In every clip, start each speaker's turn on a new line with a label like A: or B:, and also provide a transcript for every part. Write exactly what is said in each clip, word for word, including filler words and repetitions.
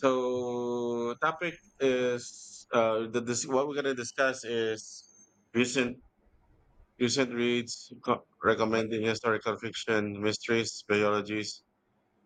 A: So topic is uh the this what we're gonna discuss is recent recent reads co- recommending historical fiction, mysteries, biologies,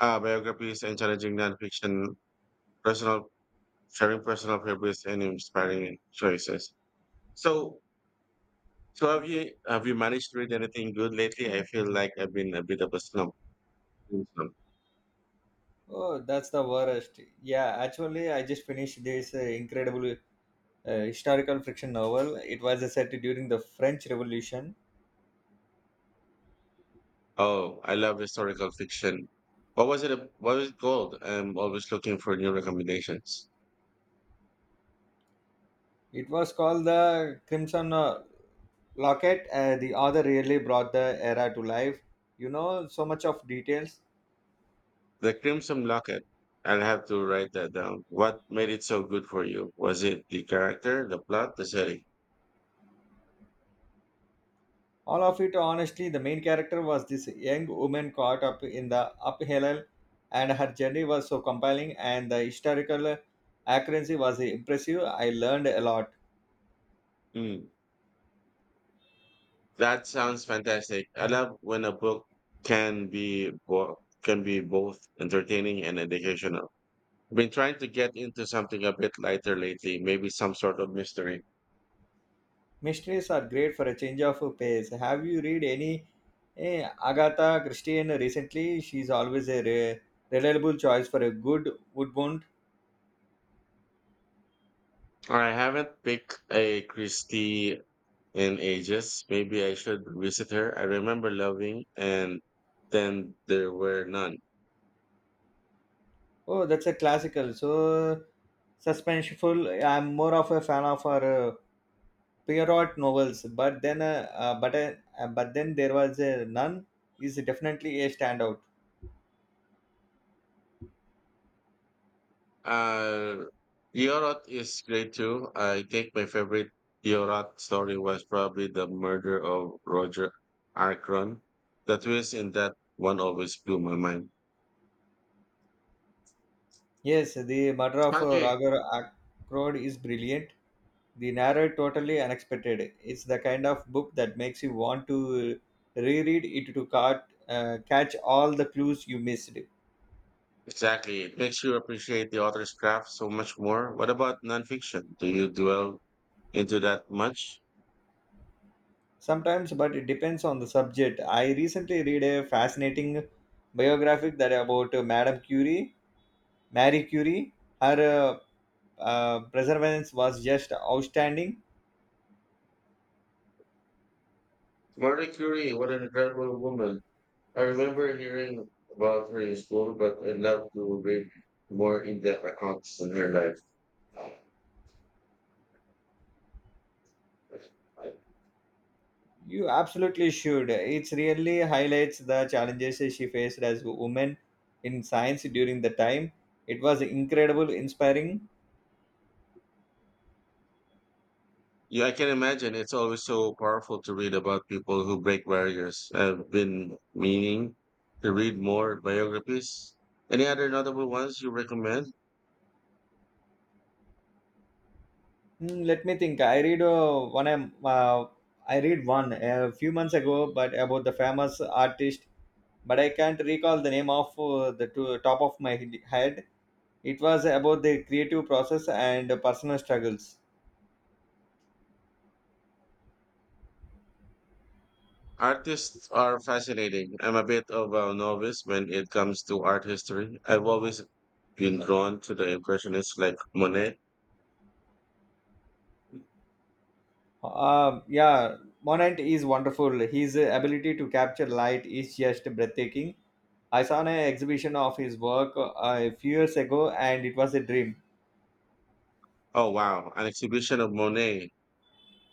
A: uh, biographies, and challenging nonfiction, personal sharing personal favorites and inspiring choices. So so have you have you managed to read anything good lately? I feel like I've been a bit of a slump. In
B: Oh, that's the worst. Yeah, actually, I just finished this uh, incredible uh, historical fiction novel. It was uh, set during the French Revolution.
A: Oh, I love historical fiction. What was it? What was it called? I'm always looking for new recommendations.
B: It was called The Crimson uh, Locket. Uh, the author really brought the era to life. You know, so much of details.
A: The crimson locket. I'll have to write that down. What made it so good for you? Was it the character, the plot, the setting?
B: All of it, honestly, the main character was this young woman caught up in the upheaval, and her journey was so compelling, and the historical accuracy was impressive. I learned a lot.
A: Hmm. That sounds fantastic. I love when a book can be bo- can be both entertaining and educational. I've been trying to get into something a bit lighter lately, maybe some sort of mystery.
B: Mysteries are great for a change of pace. Have you read any eh, Agatha Christie recently? She's always a re- reliable choice for a good woodbound.
A: I haven't picked a Christie in ages. Maybe I should visit her. I remember loving And Then There Were None.
B: Oh, that's a classical. So suspenseful. I'm more of a fan of her uh, Pierrot novels, but then uh, uh, but uh, but then there was a none is definitely a standout.
A: Uh, Yorot is great too. I think my favorite Yorot story was probably The Murder of Roger Ackron. The twist in that one always blew my mind.
B: Yes, the murder of uh,
A: Okay.
B: Roger Ackroyd is brilliant, the narrow totally unexpected. It's the kind of book that makes you want to reread it to cat, uh, catch all the clues you missed.
A: Exactly. It makes you appreciate the author's craft so much more. What about nonfiction? Do you dwell into that much?
B: Sometimes, but it depends on the subject. I recently read a fascinating biographic that about uh, madame curie, marie curie. Her uh, uh, perseverance was just outstanding.
A: Marie Curie, what an incredible woman. I remember hearing about her in school, but I'd love to read more in-depth accounts on her life.
B: You absolutely should. It really highlights the challenges she faced as a woman in science during the time. It was incredible inspiring.
A: Yeah, I can imagine. It's always so powerful to read about people who break barriers. I've been meaning to read more biographies. Any other notable ones you recommend?
B: Mm, let me think. I read uh, one. I'm, Uh, I read one a few months ago, but about the famous artist. But I can't recall the name of uh, the to, top of my he- head. It was about the creative process and personal struggles.
A: Artists are fascinating. I'm a bit of a novice when it comes to art history. I've always been drawn to the impressionists like Monet.
B: Uh, yeah, Monant is wonderful. His ability to capture light is just breathtaking. I saw an exhibition of his work uh, a few years ago, and it was a dream.
A: Oh wow, an exhibition of Monet.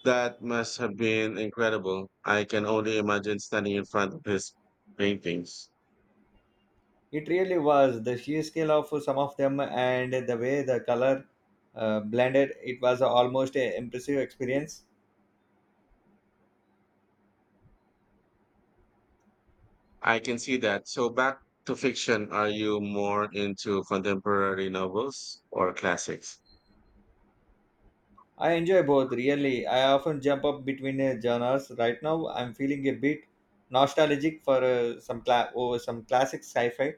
A: That must have been incredible. I can only imagine standing in front of his paintings.
B: It really was, the sheer scale of some of them and the way the color uh, blended. It was almost an impressive experience.
A: I can see that. So back to fiction. Are you more into contemporary novels or classics?
B: I enjoy both really. I often jump up between uh, genres. Right now, I'm feeling a bit nostalgic for uh, some cla- over some classic sci-fi.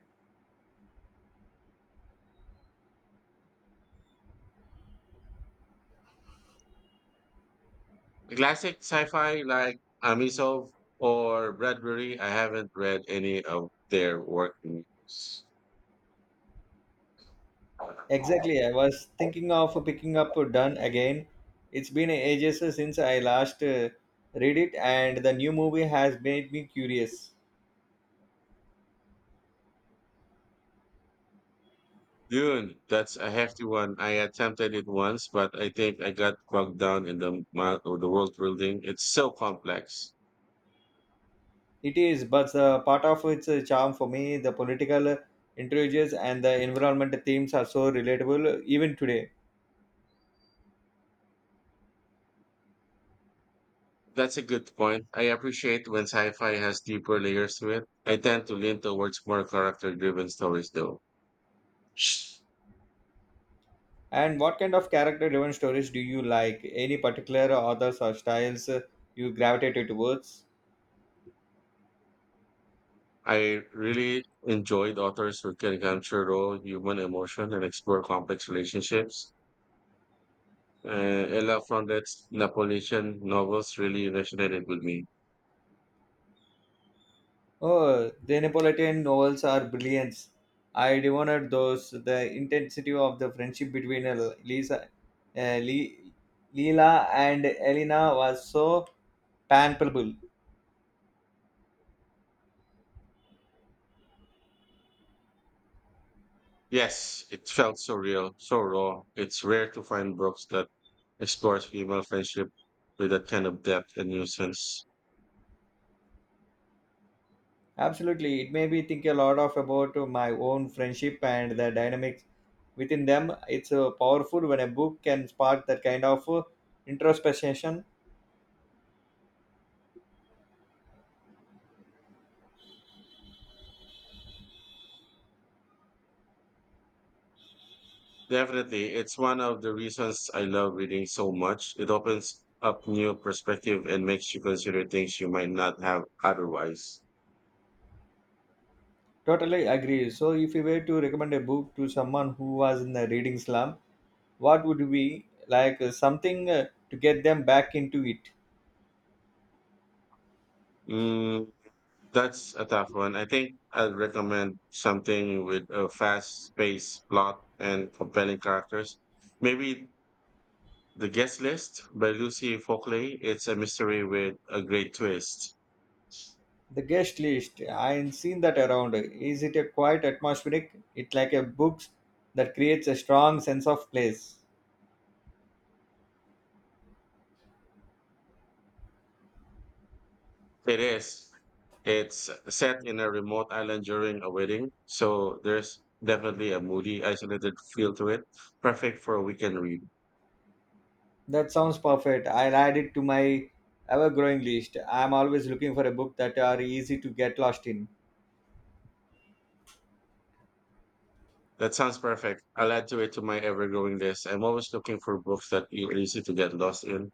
A: Classic sci-fi like Amisov or Bradbury. I haven't read any of their work.
B: Exactly, I was thinking of picking up Done again. It's been ages since I last uh, read it, and the new movie has made me curious.
A: Dune, that's a hefty one. I attempted it once, but I think I got bogged down in the mud of the world building. It's so complex.
B: It is, but uh, part of its uh, charm for me, the political intrigues and the environment themes are so relatable even today.
A: That's a good point. I appreciate when sci-fi has deeper layers to it. I tend to lean towards more character-driven stories, though.
B: And what kind of character-driven stories do you like? Any particular authors or styles uh, you gravitated towards?
A: I really enjoyed authors who can capture raw human emotion and explore complex relationships. Uh, Ella Foundet's Napolitan novels really resonated with me.
B: Oh, the Neapolitan novels are brilliant. I devoured those. The intensity of the friendship between uh, Lisa, uh, Le- Leela and Elena was so palpable.
A: Yes, it felt so real, so raw. It's rare to find books that explores female friendship with that kind of depth and nuisance.
B: Absolutely. It made me think a lot of about my own friendship and the dynamics within them. It's uh, powerful when a book can spark that kind of uh, introspection.
A: Definitely, it's one of the reasons I love reading so much. It opens up new perspective and makes you consider things you might not have otherwise.
B: Totally agree. So, if you were to recommend a book to someone who was in the reading slump, what would be like uh, something uh, to get them back into it?
A: Mm, That's a tough one. I think I'd recommend something with a fast-paced plot and compelling characters. Maybe The Guest List by Lucy Folkley. It's a mystery with a great twist.
B: The guest list. I've seen that around. Is it a quite atmospheric? It's like a book that creates a strong sense of place.
A: It is. It's set in a remote island during a wedding, so there's definitely a moody, isolated feel to it. Perfect for a weekend read.
B: That sounds perfect. I'll add it to my ever growing list. I'm always looking for a book that are easy to get lost in.
A: That sounds perfect. I'll add to it to my ever-growing list. I'm always looking for books that are easy to get lost in.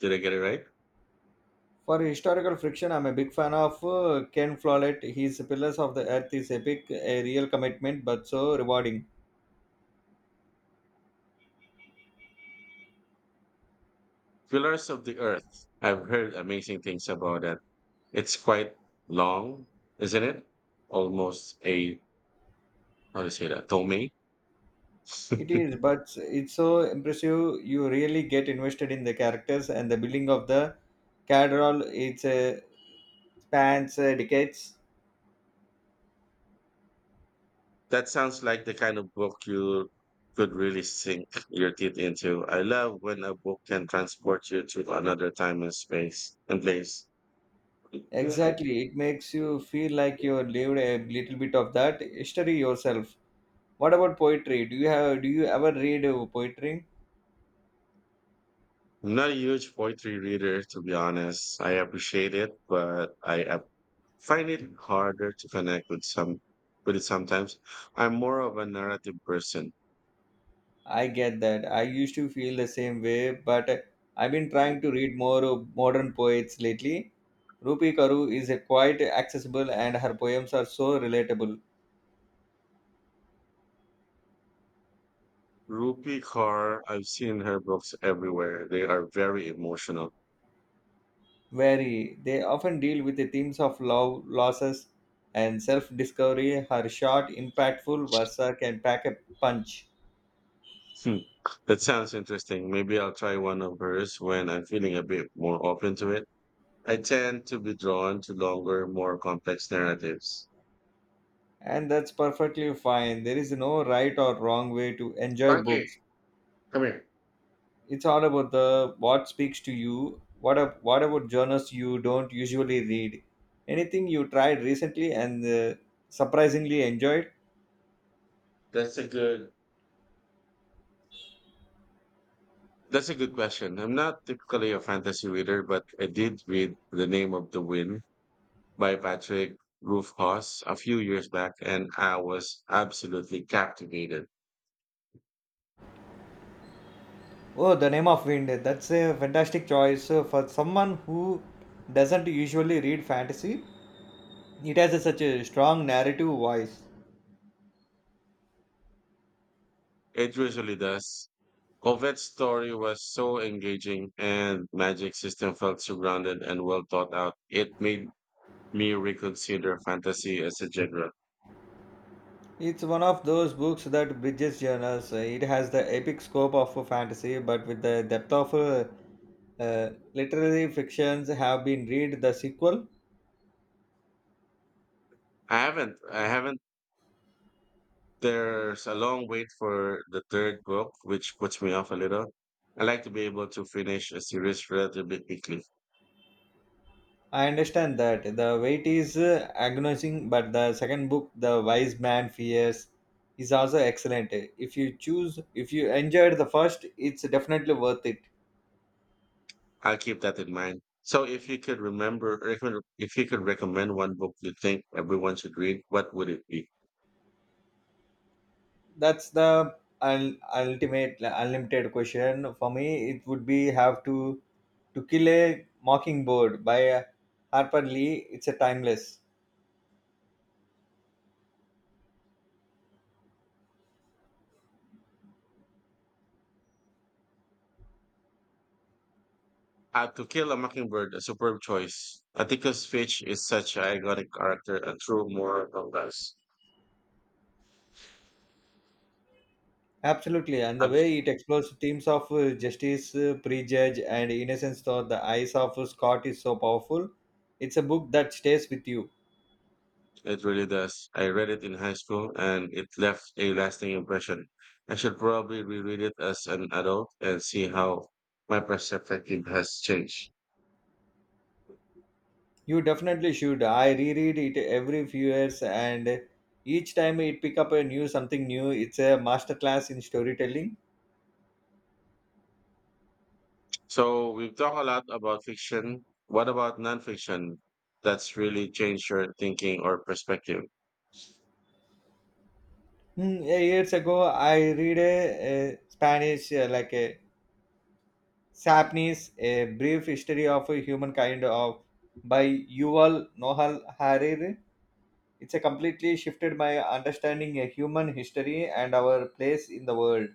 A: Did I get it right?
B: For historical fiction, I'm a big fan of uh, Ken Follett. His Pillars of the Earth is epic, a real commitment, but so rewarding.
A: Pillars of the Earth. I've heard amazing things about that. It's quite long, isn't it? Almost a, how do you say that, tome?
B: It is, but it's so impressive. You really get invested in the characters and the building of the cathedral. It's a spans uh, decades.
A: That sounds like the kind of book you could really sink your teeth into. I love when a book can transport you to another time and space and place. Yeah.
B: Exactly, it makes you feel like you lived a little bit of that history yourself. What about poetry? Do you have do you ever read uh, poetry?
A: I'm not a huge poetry reader, to be honest. I appreciate it, but I find it harder to connect with some with it sometimes. I'm more of a narrative person.
B: I get that. I used to feel the same way, but uh, I've been trying to read more uh, modern poets lately. Rupi Karu is uh, quite accessible and her poems are so relatable.
A: Rupi Kaur, I've seen her books everywhere. They are very emotional.
B: Very, they often deal with the themes of love, losses, and self-discovery. Her short, impactful versa can pack a punch,
A: Hmm. That sounds interesting. Maybe I'll try one of hers when I'm feeling a bit more open to it. I tend to be drawn to longer, more complex narratives.
B: and that's perfectly fine. There is no right or wrong way to enjoy
A: Frankie,
B: books.
A: come here.
B: It's all about the what speaks to you. What ab- what about journals you don't usually read, anything you tried recently and uh, surprisingly enjoyed?
A: That's a good that's a good question. I'm not typically a fantasy reader, but I did read The Name of the Wind by Patrick Rothfuss a few years back, and I was absolutely captivated.
B: Oh, the name of wind, that's a fantastic choice. Uh, for someone who doesn't usually read fantasy, it has a, such a strong narrative voice.
A: It usually does. Covette's story was so engaging, and Magic System felt so grounded and well thought out. It made me reconsider fantasy as a genre.
B: It's one of those books that bridges genres. Uh, it has the epic scope of a fantasy but with the depth of uh, uh, literary fictions. Have been read the sequel?
A: I haven't I haven't There's a long wait for the third book, which puts me off a little. I like to be able to finish a series relatively quickly.
B: I understand that the weight is uh, agonizing, but the second book, The Wise Man Fears, is also excellent. If you choose, if you enjoyed the first, it's definitely worth it.
A: I'll keep that in mind. So, if you could remember, or if you if you could recommend one book you think everyone should read, what would it be?
B: That's the un- ultimate unlimited question for me. It would be have to to kill a mockingbird by uh, Harper Lee. It's a timeless.
A: Uh, To Kill a Mockingbird, a superb choice. Atticus Finch is such an iconic character, a true moral compass.
B: Absolutely, and the
A: I've
B: way it explores themes of uh, justice, uh, prejudge, and innocence through the eyes of uh, Scott is so powerful. It's a book that stays with you.
A: it really does. I read it in high school and it left a lasting impression. I should probably reread it as an adult and see how my perspective has changed.
B: You definitely should. I reread it every few years, and each time it pick up a new something new. It's a masterclass in storytelling.
A: So, we've talked a lot about fiction. What about nonfiction that's really changed your thinking or perspective?
B: Hmm, eh, years ago, I read a, a Spanish uh, like a Sapnis, a brief history of a humankind of by Yuval Noah Hariri. It's a completely shifted my understanding of human history and our place in the world.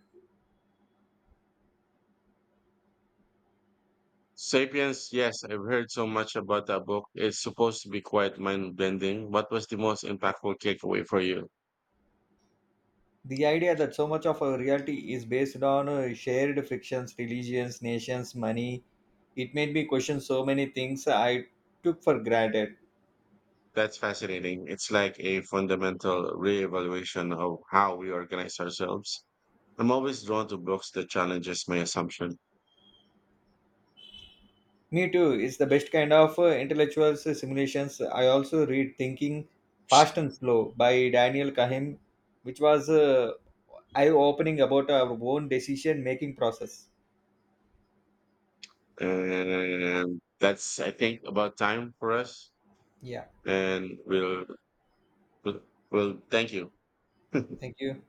A: Sapiens, yes, I've heard so much about that book. It's supposed to be quite mind bending. What was the most impactful takeaway for you?
B: The idea that so much of our reality is based on uh, shared frictions, religions, nations, money, it made me question so many things I took for granted.
A: That's fascinating. It's like a fundamental reevaluation of how we organize ourselves. I'm always drawn to books that challenges my assumption.
B: Me too, it's the best kind of uh, intellectual simulations. I also read Thinking Fast and Slow by Daniel Kahneman, which was uh, eye opening about our own decision making process.
A: And that's, I think, about time for us.
B: Yeah,
A: And we'll, we'll, we'll thank you.
B: thank you.